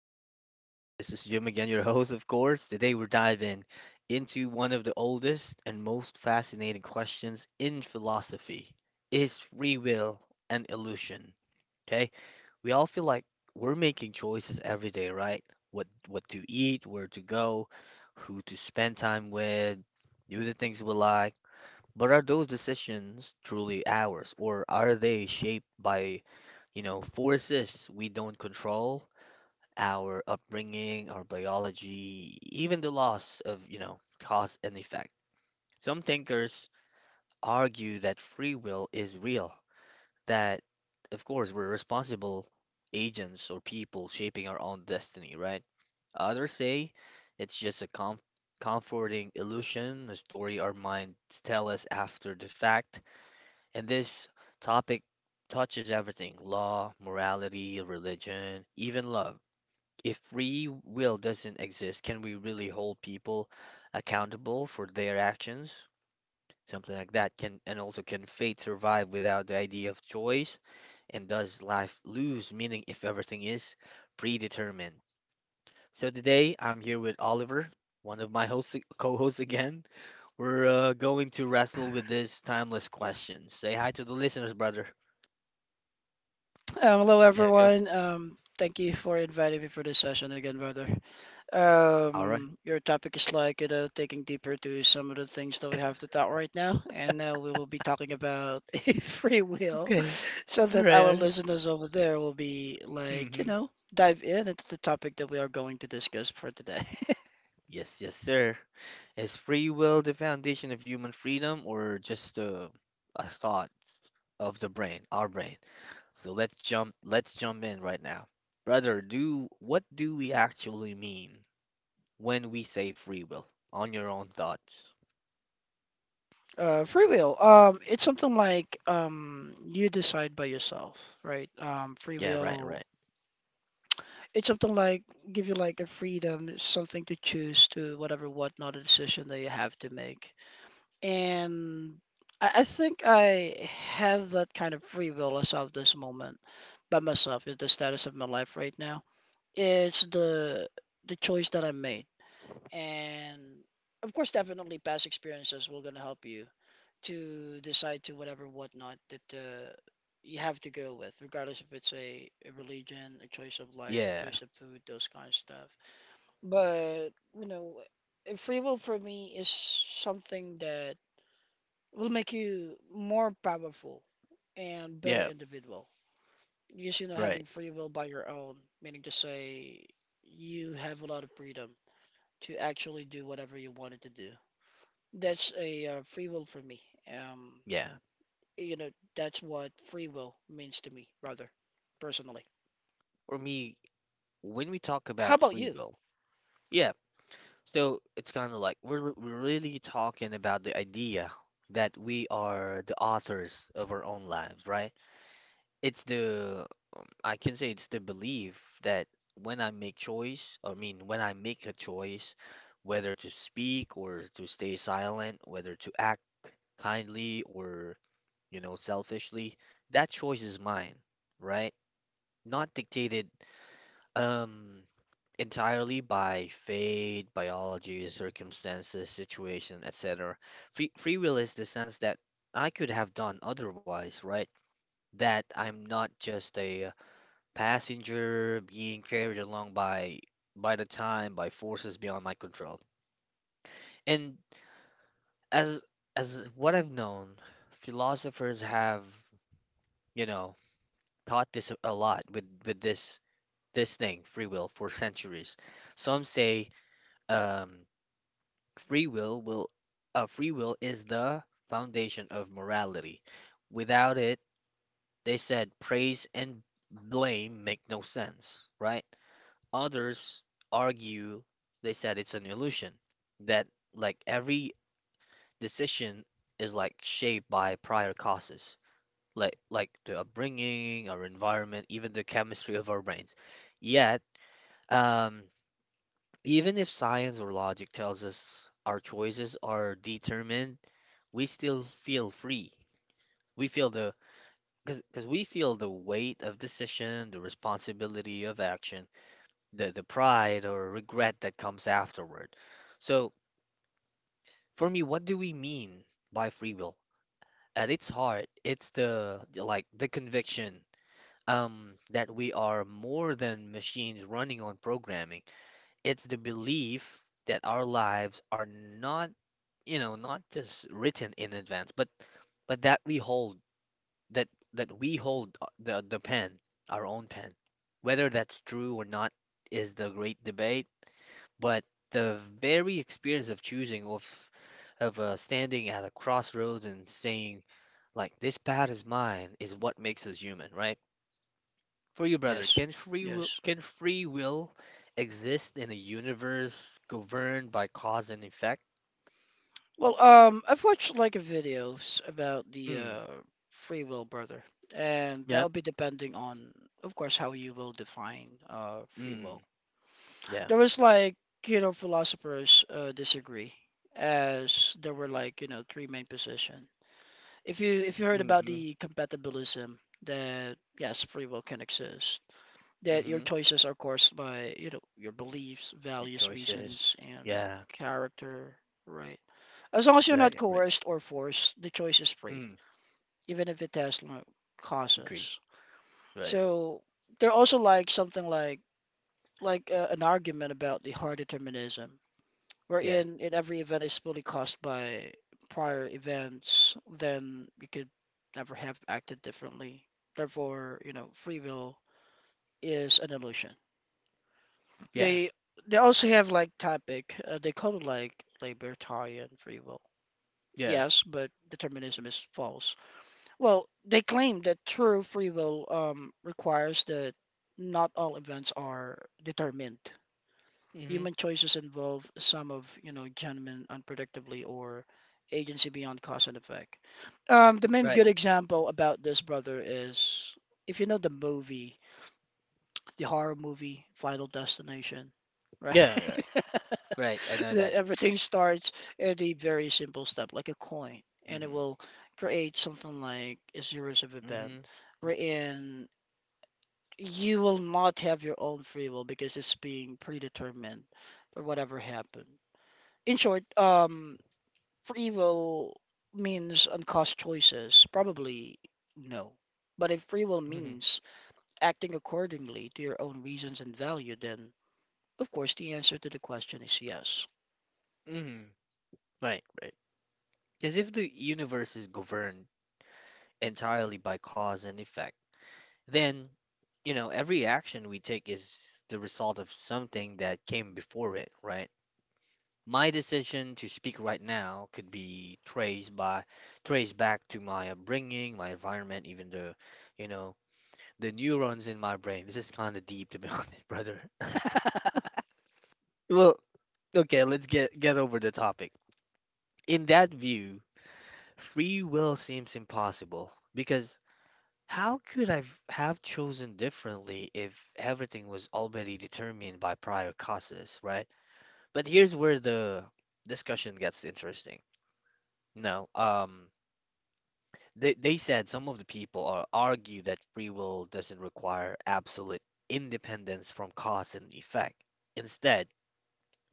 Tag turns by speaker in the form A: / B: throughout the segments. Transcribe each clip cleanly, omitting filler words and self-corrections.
A: everyone. This is Jim again, your host, of course. Today we're diving into one of the oldest and most fascinating questions in philosophy. Is free will an illusion? Okay? We all feel like we're making choices every day, right? What to eat, where to go, who to spend time with, do the things we like. But are those decisions truly ours, or are they shaped by forces we don't control, our upbringing, our biology, even the loss of cause and effect. Some thinkers argue that free will is real, that, of course, we're responsible agents or people shaping our own destiny, right? Others say it's just a comforting illusion, a story our minds tell us after the fact. And this topic touches everything: law, morality, religion, even love. If free will doesn't exist, can we really hold people accountable for their actions? Something like that, can, and also can fate survive without the idea of choice? And does life lose meaning if everything is predetermined? So today I'm here with Oliver, one of my hosts, co-hosts again. We're going to wrestle with this timeless question. Say hi to the listeners, brother.
B: Hello,
A: There you go.
B: everyone. Thank you for inviting me for this session again, brother.
A: All right.
B: Your topic is like, you know, taking deeper to some of the things that we have to talk right now. And now we will be talking about a free will
A: Okay.
B: so
A: All
B: that
A: right.
B: our
A: All right.
B: listeners over there will be like, you
A: Mm-hmm.
B: know, dive in into the topic that we are going to discuss for today.
A: Yes, yes, sir. Is free will the foundation of human freedom or just a thought of the brain, our brain? So let's jump in right now. Brother, do what do we actually mean when we say free will? On your own thoughts.
B: Free will. It's something like you decide by yourself, right? Free
A: Yeah, right,
B: will,
A: right.
B: it's something like give you like a freedom, something to choose to whatever, what not a decision that you have to make. And I think I have that kind of free will as of this moment by myself, with the status of my life right now. It's the choice that I made. And of course, definitely past experiences will gonna help you to decide to whatever whatnot that you have to go with, regardless if it's a religion, a choice of life, a
A: Yeah.
B: choice of food, those kind of stuff. But you know, free will for me is something that will make you more powerful and better
A: Yeah,
B: individual. Just you know, having
A: right.
B: free will by your own, meaning to say you have a lot of freedom to actually do whatever you wanted to do. That's a free will for me. Um,
A: Yeah.
B: you know, that's what free will means to me, rather, personally.
A: For me, when we talk
B: How
A: about
B: about
A: free
B: you?
A: will, yeah, so it's kind of like we're really talking about the idea that we are the authors of our own lives, right? It's the I can say it's the belief that when I make choice, I mean when I make a choice, whether to speak or to stay silent, whether to act kindly or selfishly, that choice is mine, right? Not dictated. Um, entirely by fate, biology, circumstances, situation, etc. Free will is the sense that I could have done otherwise, right? That I'm not just a passenger being carried along by the time by forces beyond my control. And as as what I've known, philosophers have, you know, taught this a lot with this thing, free will, for centuries. Some say um Free will will free will is the foundation of morality. Without it, they said praise and blame make no sense, right? Others argue, they said it's an illusion that, like, every decision is like shaped by prior causes, like the upbringing, our environment, even the chemistry of our brains. Yet, um, even if science or logic tells us our choices are determined, we still feel free. We feel the Because we feel the weight of decision, the responsibility of action, the pride or regret that comes afterward. So for me, what do we mean by free will? At its heart, it's the like the conviction that we are more than machines running on programming. It's the belief that our lives are not, you know, not just written in advance, but that that we hold the pen, our own pen. Whether that's true or not is the great debate, but the very experience of choosing, of standing at a crossroads and saying, like, this path is mine, is what makes us human, right? For you, brother,
B: Yes,
A: can free will
B: yes.
A: can free will exist in a universe governed by cause and effect?
B: Well, I've watched like videos about the
A: Mm,
B: free will, brother, and
A: yeah.
B: that'll be depending on, of course, how you will define free
A: Mm,
B: will.
A: yeah.
B: There was like, you know, philosophers disagree, as there were like, you know, three main positions. If you heard about
A: Mm-hmm.
B: the compatibilism that yes, free will can exist, that your
A: Mm-hmm.
B: choices are caused by, you know, your beliefs,
A: Your
B: values,
A: choices.
B: reasons, and
A: Yeah.
B: character, right? As long as you're not
A: Right. Right.
B: coerced or forced, the choice is free,
A: Mm.
B: even if it has no
A: Agree.
B: causes.
A: Right.
B: So they're also like something like an argument about the hard determinism,
A: Yeah.
B: wherein in every event is fully caused by prior events, then you could never have acted differently. Therefore, you know, free will is an illusion.
A: Yeah.
B: They they also have like topic. They call it like libertarian free will.
A: Yeah.
B: Yes, but determinism is false. Well, they claim that true free will requires that not all events are determined.
A: Hmm.
B: Human choices involve some of, you know, genuine unpredictably or agency beyond cause and effect. The main
A: Right.
B: good example about this, brother, is if you know the movie the horror movie Final Destination, right?
A: Yeah. Right. Right. I know
B: That
A: that.
B: everything starts at a very simple step, like a coin, and it
A: Mm-hmm.
B: will create something like a series of event
A: Mm-hmm.
B: wherein you will not have your own free will because it's being predetermined for whatever happened. In short, free will means uncaused choices. Probably no. But if free will
A: Mm-hmm.
B: means acting accordingly to your own reasons and value, then of course, the answer to the question is yes.
A: Mm-hmm. Right. Right. Because if the universe is governed entirely by cause and effect, then, every action we take is the result of something that came before it. Right. My decision to speak right now could be traced back to my upbringing, my environment, even the you know the neurons in my brain. This is kind of deep, to be honest, brother. Well, okay, let's get over the topic. In that view, free will seems impossible because how could I have chosen differently if everything was already determined by prior causes, right? But here's where the discussion gets interesting. No, they said some of the people are argue that free will doesn't require absolute independence from cause and effect. Instead,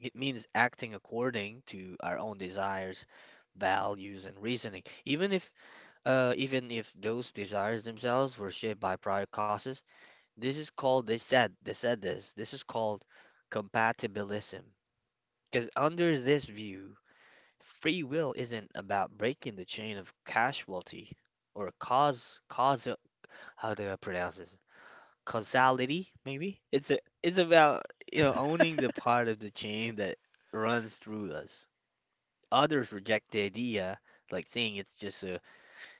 A: it means acting according to our own desires, values, and reasoning. Even if those desires themselves were shaped by prior causes, this is called, they said, this This is called compatibilism. Because under this view, free will isn't about breaking the chain of casualty or cause, how do I pronounce this? Causality, maybe? It's about owning the part of the chain that runs through us. Others reject the idea, like saying it's just a,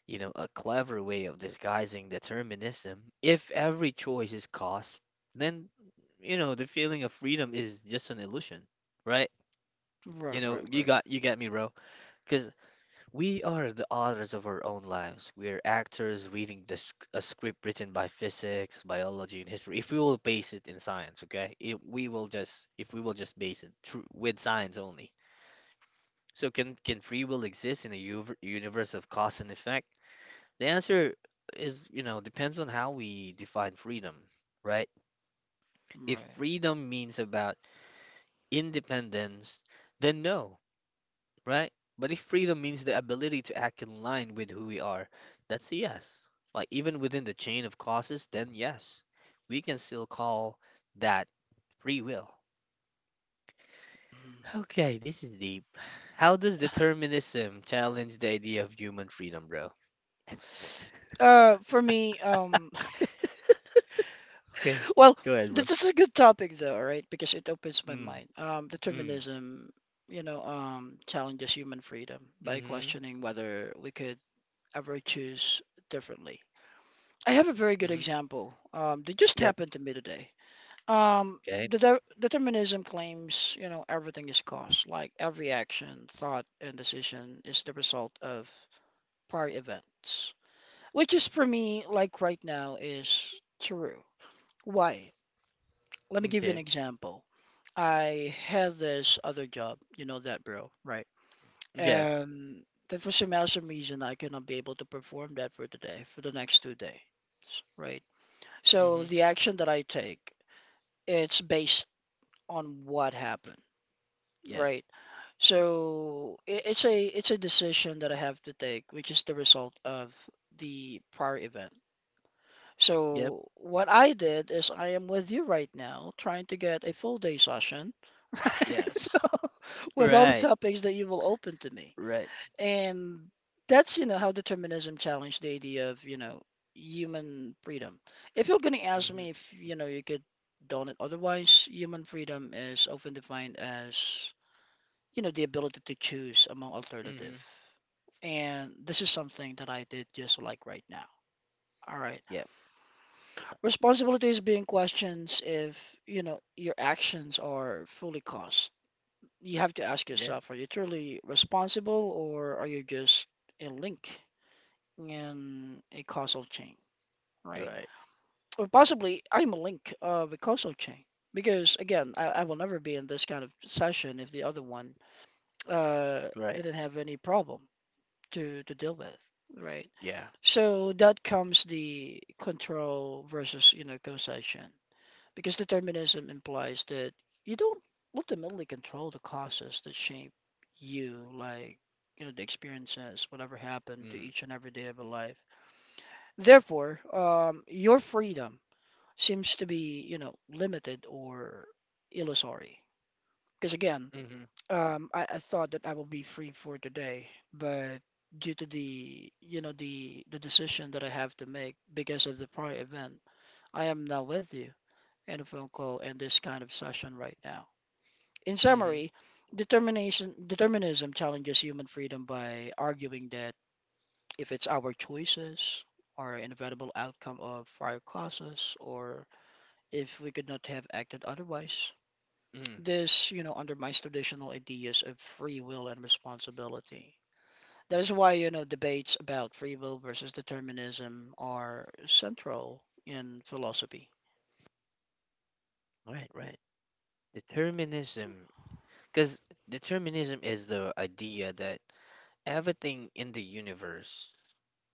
A: you know, a clever way of disguising determinism. If every choice is cost, then, the feeling of freedom is just an illusion, right? You
B: Right,
A: know,
B: right,
A: you
B: right,
A: got you get me, bro. Because we are the authors of our own lives. We are actors reading a script written by physics, biology, and history. If we will base it in science, okay? If we will just base it with science only. So can free will exist in a universe of cause and effect? The answer is, depends on how we define freedom, right? If
B: right.
A: freedom means about independence, then no, right? But if freedom means the ability to act in line with who we are, that's a yes. Like, even within the chain of causes, then yes, we can still call that free will.
B: Mhm.
A: Okay, this is deep. How does determinism challenge the idea of human freedom, bro?
B: For me,
A: Okay,
B: well,
A: go ahead, bro.
B: this is a good topic though, right? Because it opens my
A: Mm,
B: mind.
A: mm,
B: Determinism, you know, challenges human freedom by
A: mm-hmm,
B: questioning whether we could ever choose differently. I have a very good
A: mm-hmm.
B: example. That just
A: Yep.
B: happened to me today. Um,
A: Okay.
B: the de determinism claims, you know, everything is caused, like every action, thought, and decision is the result of prior events, which is for me, like right now, is true. Why? Let me give you an
A: Okay.
B: example. I had this other job, you know that, bro, right?
A: Yeah.
B: And that for some awesome reason, I cannot be able to perform that for today, for the next 2 days, right? So
A: Mm-hmm.
B: the action that I take, it's based on what happened.
A: Yeah.
B: Right. So it's a decision that I have to take, which is the result of the prior event.
A: Yep.
B: So what I did is I am with you right now, trying to get a full day session, right?
A: Yes.
B: So with all the
A: Right.
B: topics that you will open to me.
A: Right.
B: And that's, you know, how determinism challenged the idea of, you know, human freedom. If you're gonna ask
A: Mm-hmm.
B: me if, you know, you could donate otherwise, human freedom is often defined as you know, the ability to choose among
A: Mm-hmm.
B: alternative. And this is something that I did just like right now. All right.
A: Yep.
B: Responsibility is being questions if, you know, your actions are fully caused. You have to ask
A: Yeah.
B: yourself, are you truly responsible or are you just a link in a causal chain, right?
A: Right.
B: Or possibly I'm a link of a causal chain. Because again, I will never be in this kind of session if the other one uh,
A: Right.
B: didn't have any problem to deal with, right?
A: Yeah.
B: So that comes the control versus, you know, causation. Because determinism implies that you don't ultimately control the causes that shape you, like, you know, the experiences, whatever happened to
A: Mm.
B: each and every day of your life. Therefore, your freedom seems to be, you know, limited or illusory. Because again,
A: Mm-hmm.
B: I thought that I will be free for today, but due to the, you know, the decision that I have to make because of the prior event, I am now with you in a phone call and this kind of session right now. In
A: Mm-hmm.
B: summary, determination determinism challenges human freedom by arguing that if it's our choices or inevitable outcome of prior causes, or if we could not have acted otherwise,
A: Mm.
B: this, you know, undermines traditional ideas of free will and responsibility. That is why, you know, debates about free will versus determinism are central in philosophy.
A: Right. Right. Determinism. Because determinism is the idea that everything in the universe,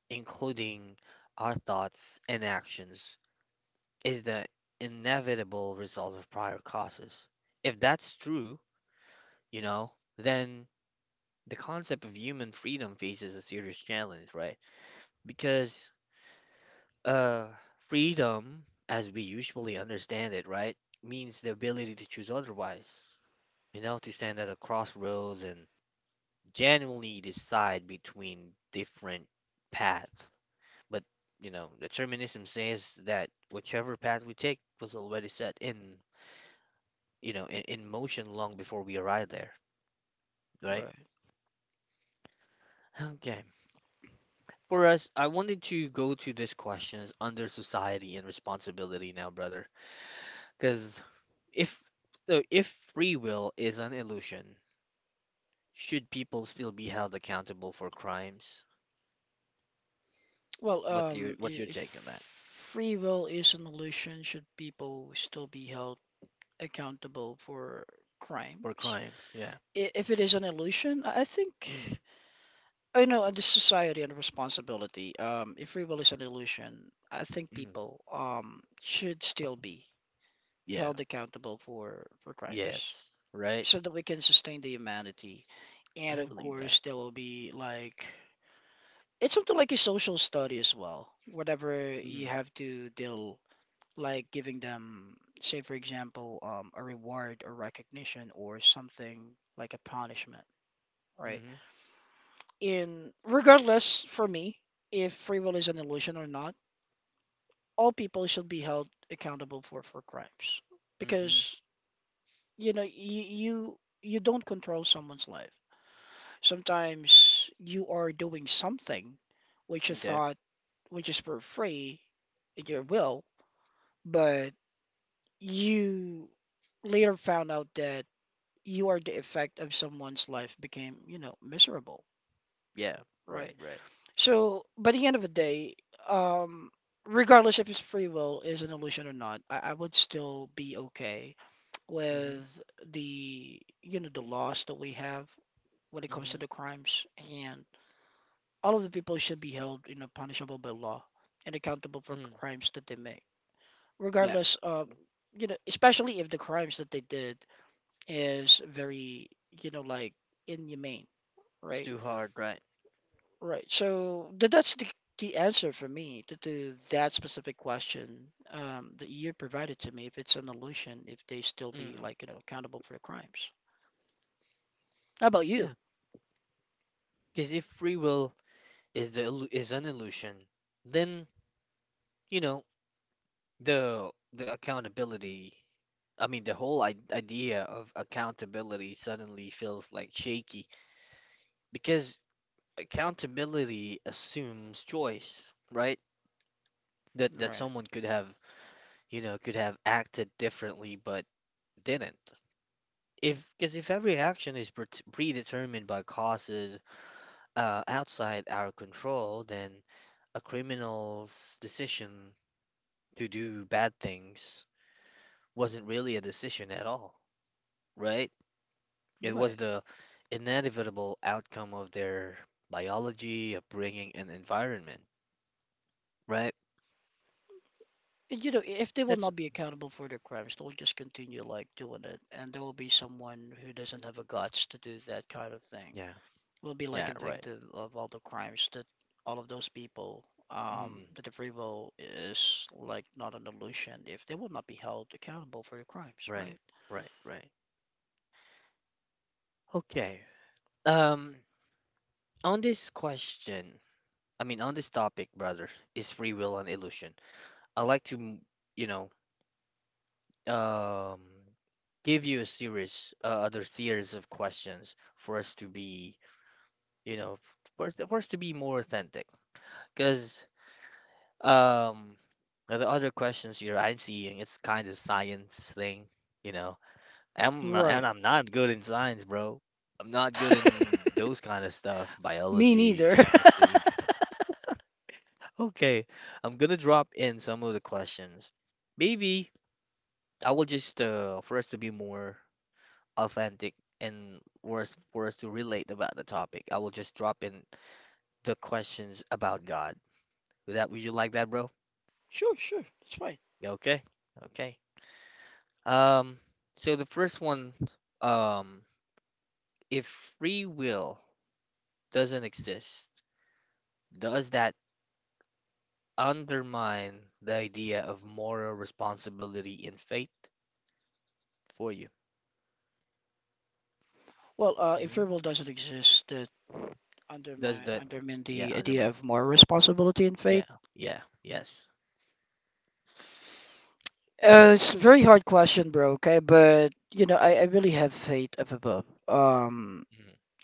A: including our thoughts and actions, is the inevitable result of prior causes. If that's true, you know, then the concept of human freedom faces a serious challenge, right? Because uh, freedom, as we usually understand it, right, means the ability to choose otherwise, to stand at a crossroads and genuinely decide between different paths. But, determinism says that whichever path we take was already set in motion long before we arrive there, right?
B: Right.
A: Okay. For us, I wanted to go to this questions under society and responsibility now, brother. Because if if free will is an illusion, should people still be held accountable for crimes?
B: Well,
A: What do you, what's your
B: if
A: take on that?
B: free will is an illusion, should people still be held accountable for
A: For
B: crimes?
A: crimes, yeah.
B: I- If it is an illusion, I think,
A: Mm,
B: I know, under society and responsibility, if free will is an illusion, I think
A: mm,
B: people should still be
A: yeah.
B: held accountable for crimes
A: Yes. Right?
B: so that we can sustain the humanity, and
A: I
B: of
A: believe that.
B: course there will be like it's something like a social study as well, whatever you
A: Mm,
B: have to deal, like giving them, say for example, a reward or recognition or something like a punishment, right?
A: mm-hmm.
B: In regardless for me, if free will is an illusion or not, all people should be held accountable for crimes,
A: Mm-hmm.
B: because you know you don't control someone's life. Sometimes you are doing something which you
A: Okay.
B: thought which is for free in your will, but you later found out that you are the effect of someone's life became, you know, miserable,
A: Yeah. Right,
B: right?
A: right.
B: So by the end of the day, um regardless if it's free will is an illusion or not, I would still be okay
A: Mm-hmm.
B: with the, you know, the loss that we have when it comes to
A: Mm-hmm.
B: the crimes, and all of the people should be held, you know, punishable by law and accountable for
A: Mm.
B: crimes that they make, regardless of, you know, especially if the crimes that they did is very, you know, like inhumane,
A: It's
B: right?
A: too hard, right?
B: Right. So that's the answer for me to that specific question that you provided to me. If it's an illusion, if they still be
A: Mm.
B: like, you know, accountable for the crimes. How about you?
A: Yeah, because if free will is an illusion, then you know the accountability. I mean, the whole idea of accountability suddenly feels like shaky because accountability assumes choice, right? That
B: Right.
A: someone could have acted differently but didn't. If because if every action is predetermined by causes outside our control, then a criminal's decision to do bad things wasn't really a decision at all, right? It was
B: Right.
A: the inevitable outcome of their biology, upbringing, and environment, right?
B: And you know, if they will
A: That's,
B: not be accountable for their crimes, they'll just continue like doing it, and there will be someone who doesn't have the guts to do that kind of thing.
A: yeah,
B: Will be like
A: yeah,
B: a
A: right.
B: victim of all the crimes that all of those people,
A: Mm,
B: that the free will is like not an illusion if they will not be held accountable for their crimes,
A: right,
B: right?
A: right, right. Okay. Um, on this question, I mean, on this topic, brother, is free will an illusion? I like to, you know, um give you a series, other series of questions for us to be you know for us to be more authentic, because um the other questions here, I'm seeing, it's kind of science thing, you know. i'm and
B: Right.
A: i'm not good in science, bro. I'm not good in those kind of stuff:
B: Me
A: biology,
B: neither.
A: chemistry. Okay, I'm gonna drop in some of the questions. Maybe I will just, for us to be more authentic and words to relate about the topic. I will just drop in the questions about God. Would you like that, bro?
B: Sure, sure, it's fine.
A: Okay. Okay. Um so the first one, um if free will doesn't exist, does that undermine the idea of moral responsibility in faith for you?
B: Well, if free
A: Hmm.
B: will doesn't exist, that
A: Does that,
B: undermine
A: yeah,
B: the
A: undermine.
B: idea of moral responsibility and faith.
A: Yeah. Yeah. Yes.
B: It's a
A: Yeah.
B: very hard question, bro. Okay, but you know, I really have faith up above.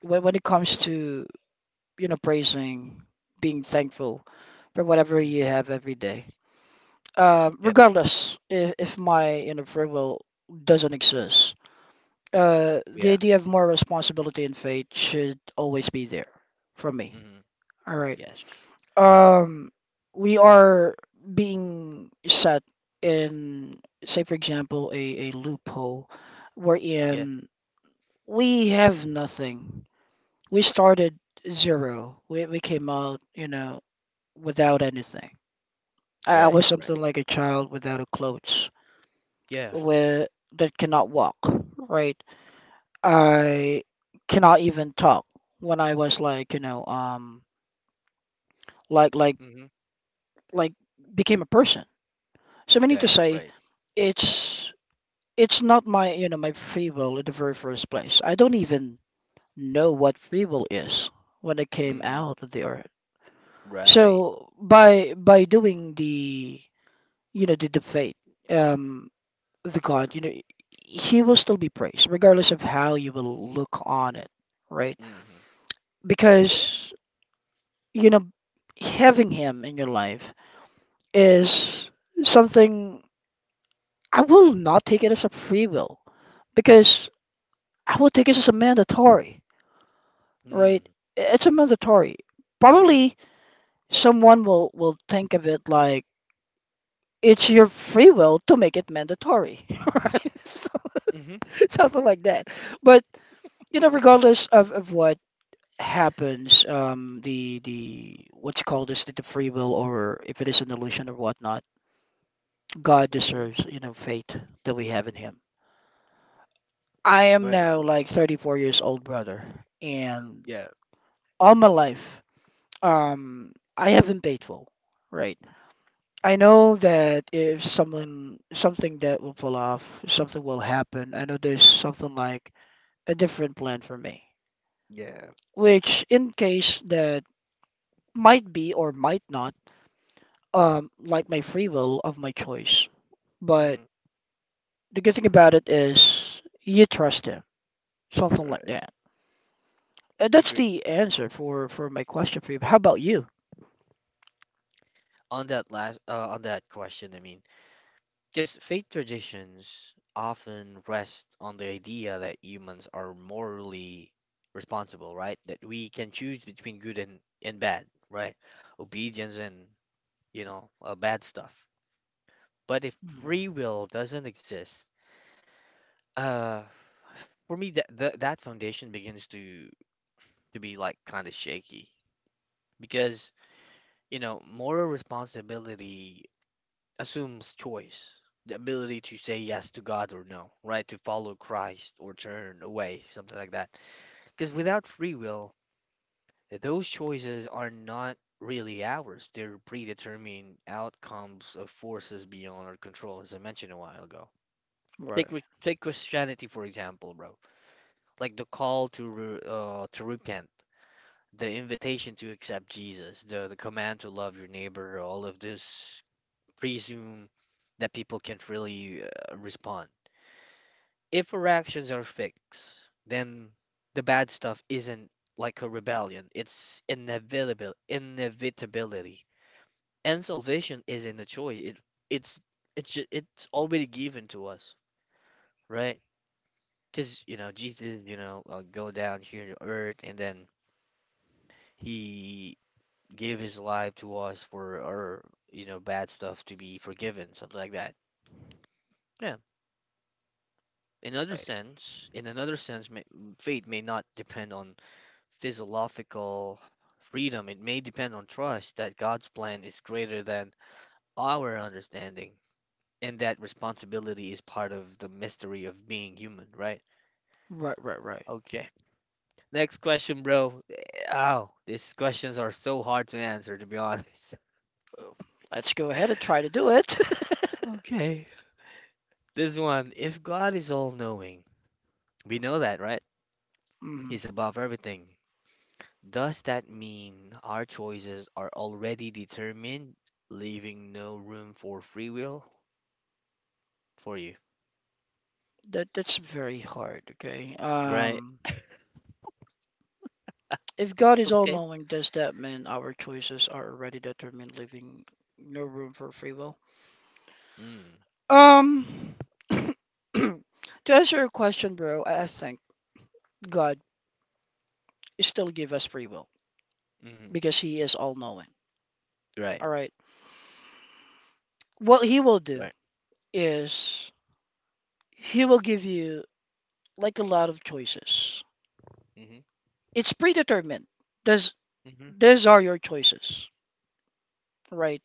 B: When it comes to you know praising, being thankful for whatever you
A: Mm-hmm.
B: have every day,
A: Yep.
B: regardless if my you know free will doesn't exist, the
A: Yeah.
B: idea of more responsibility and faith should always be there for me.
A: Mm-hmm.
B: All right,
A: Yes.
B: um we are being set in, say for example, a loophole wherein we have nothing, we started zero, we came out you know without anything. I
A: Right,
B: was
A: right.
B: something like a child without a clothes
A: Yes.
B: with that cannot walk, right? I cannot even talk when I was like you know like like
A: Mm-hmm.
B: like became a person. So meaning to
A: Right,
B: say,
A: right.
B: it's it's not my, you know, my free will in the very first place. I don't even know what free will is when it came
A: Mm-hmm.
B: out of the earth.
A: Right.
B: So by doing the the debate, um, the God, you know, he will still be praised regardless of how you will look on it, right?
A: Mm-hmm.
B: Because you know having him in your life is something I will not take it as a free will, because I will take it as a mandatory,
A: Mm.
B: right? It's a mandatory. Probably someone will think of it like it's your free will to make it mandatory, right? So-
A: Mm-hmm.
B: Something like that. But you know, regardless of what happens, the what's called is the free will, or if it is an illusion or whatnot, God
A: Mm-hmm.
B: deserves you know faith that we have in Him. I am
A: Right,
B: now
A: right.
B: like 34 years old, brother, and
A: Yeah,
B: all my life, I have been faithful, right? I know that if someone something that will pull off, something will happen. I know there's something like a different plan for me,
A: yeah.
B: which in case that might be or might not, like my free will of my choice. But
A: Mm-hmm.
B: the good thing about it is you trust him, something like
A: Right.
B: that. Uh,
A: I
B: That's
A: agree.
B: the answer for my question for you. How about you?
A: On that last on that question, I mean, because faith traditions often rest on the idea that humans are morally responsible, right? That we can choose between good and bad, right? Obedience and, bad stuff. But if
B: Hmm.
A: free will doesn't exist, uh for me, that foundation begins to be like kind of shaky because moral responsibility assumes choice, the ability to say yes to God or no, right? To follow Christ or turn away, something like that. Because without free will, those choices are not really ours. They're predetermined outcomes of forces beyond our control, as I mentioned a while ago.
B: Right,
A: Take Christianity for example, bro. Like the call to to repent, the invitation to accept Jesus, the command to love your neighbor, all of this presume that people can really respond. If our actions are fixed, then the bad stuff isn't like a rebellion. It's inevitable, inevitability, and salvation isn't a choice. It's it's already given to us, right? Because you know Jesus, go down here to earth, and then he give his life to us for our, bad stuff to be forgiven, something like that. Yeah. In other
B: right,
A: sense, in another sense, may, faith may not depend on physiological freedom. It may depend on trust that God's plan is greater than our understanding, and that responsibility is part of the mystery of being human, right?
B: right, right, right.
A: Okay. Next question, bro. Ow, these questions are so hard to answer, to be honest.
B: Uh, Let's go ahead and try to do it.
A: Okay. This one, if God is all knowing, we know that, right?
B: Mhm.
A: He's above everything. Does that mean our choices are already determined, leaving no room for free will for you?
B: That that's very hard, okay?
A: Right.
B: If God is
A: Okay.
B: all-knowing, does that mean our choices are already determined, leaving no room for free will?
A: Mm.
B: Um, to answer your question, bro, I think God still give us free will
A: Hmm.
B: because He is all-knowing.
A: Right.
B: All right. What He will do
A: Right.
B: is He will give you like a lot of choices.
A: Hmm.
B: It's predetermined. Does
A: Hmm.
B: these are your choices, right?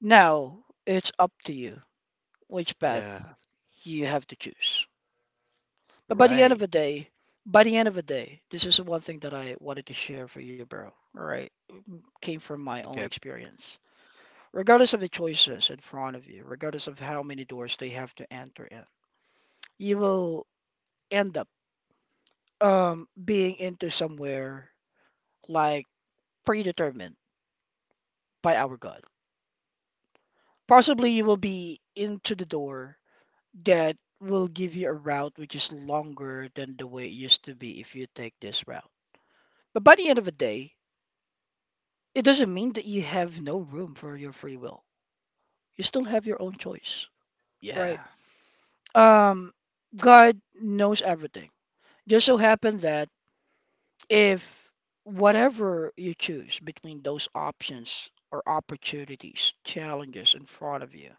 B: Now it's up to you which path
A: Yeah.
B: you have to choose. But by the end of
A: Right.
B: the day, this is the one thing that I wanted to share for you, bro. All right, came from my own
A: Okay.
B: experience. Regardless of the choices in front of you, regardless of how many doors they have to enter in, you will end up being into somewhere like predetermined by our God. Possibly you will be into the door that will give you a route which is longer than the way it used to be if you take this route. But by the end of the day, it doesn't mean that you have no room for your free will. You still have your own choice, right?
A: Yeah.
B: Um, God knows everything. Just so happened that if whatever you choose between those options or opportunities, challenges in front of you,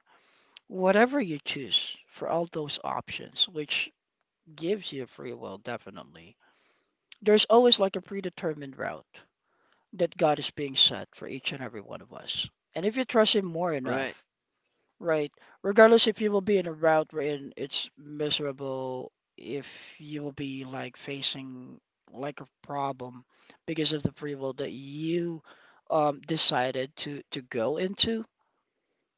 B: whatever you choose for all those options, which gives you free will, definitely, there's always like a predetermined route that God is being set for each and every one of us. And if you trust Him more
A: Right.
B: enough, right, regardless if you will be in a route wherein it's miserable, if you will be like facing like a problem because of the free will that you decided to go into,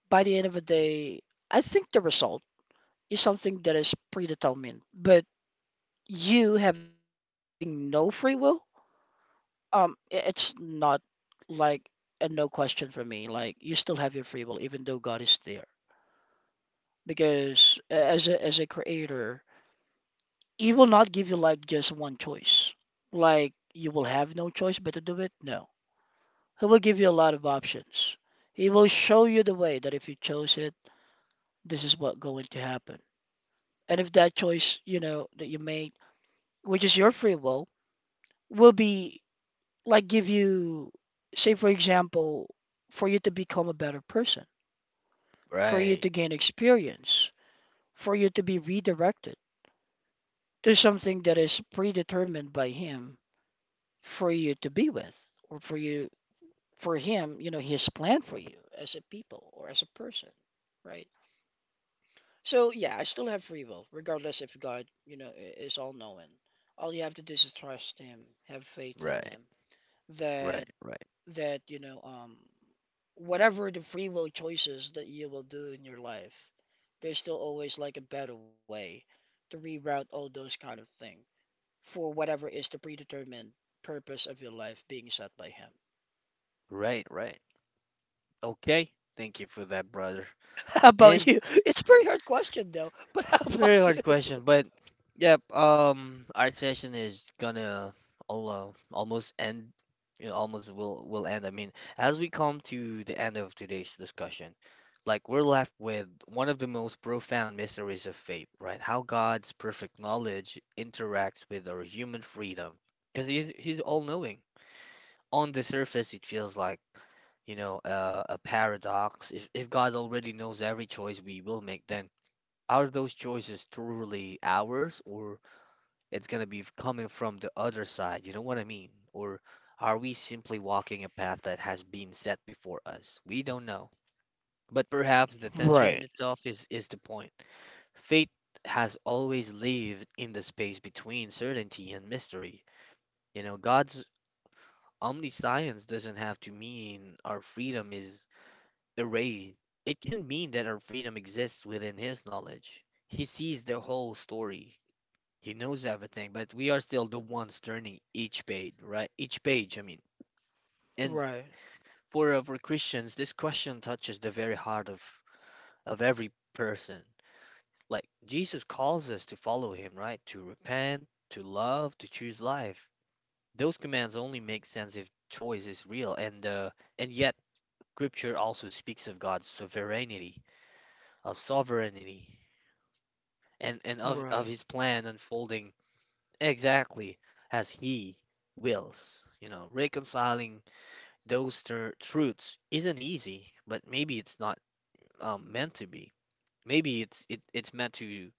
B: by the end of the day, I think the result is something that is predetermined. But you having no free will, um, it's not like a no question from me, like you still have your free will even though God is there, because as a creator, he will not give you like just one choice, like you will have no choice but to do it. No, he will give you a lot of options. He will show you the way that if you chose it, this is what going to happen. And if that choice you know that you made, which is your free will be like give you, say for example, for you to become a better person, for you
A: Right.
B: to gain experience, for you to be redirected to something that is predetermined by him, for you to be with, or for you, for him, you know, his plan for you as a people or as a person, right? So yeah, I still have free will, regardless if God, you know, is all knowing. All you have to do is trust him, have faith in
A: Right.
B: him. Then
A: Right. Right.
B: that you know whatever the free will choices that you will do in your life, there's still always like a better way to reroute all those kind of thing for whatever is the predetermined purpose of your life being set by him.
A: Right. Right. Okay. Thank you for that, brother.
B: How about
A: And
B: you? It's a very hard question though, but how
A: it's a
B: about
A: very
B: you?
A: hard question, but yep, art session is gonna al- almost end, almost will end. I mean, as we come to the end of today's discussion, like we're left with one of the most profound mysteries of faith, right? How God's perfect knowledge interacts with our human freedom. Because he's all-knowing. On the surface, it feels like a paradox. If God already knows every choice we will make, then are those choices truly ours, or it's gonna be coming from the other side? You know what I mean? Or are we simply walking a path that has been set before us? We don't know. But perhaps the
B: Right.
A: tension itself is the point. Fate has always lived in the space between certainty and mystery. You know, God's omniscience doesn't have to mean our freedom is erased. It can mean that our freedom exists within His knowledge. He sees the whole story. He knows everything, but we are still the ones turning each page, right? Each page, I mean. And
B: Right,
A: for Christians, this question touches the very heart of every person. Like Jesus calls us to follow him, right? To repent, to love, to choose life. Those commands only make sense if choice is real. And yet, Scripture also speaks of sovereignty, and of
B: right,
A: His plan unfolding exactly as he wills. You know, reconciling those truths isn't easy, but maybe it's not meant to be. Maybe it's meant to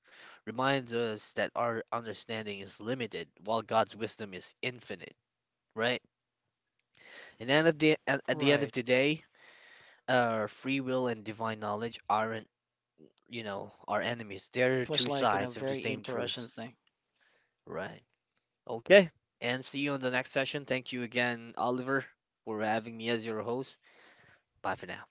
A: remind us that our understanding is limited, while God's wisdom is infinite, right? And then at the end of
B: right.
A: the day, free will and divine knowledge aren't,
B: Well, that's a
A: you
B: very good
A: know, our
B: topic, bro.
A: enemies.
B: It
A: They're
B: was
A: two
B: like, you know,
A: sides of the
B: very
A: same
B: interesting
A: truth,
B: thing.
A: right? Okay. And see you in the next session. Thank you again, Oliver, for having me as your host. Bye for now.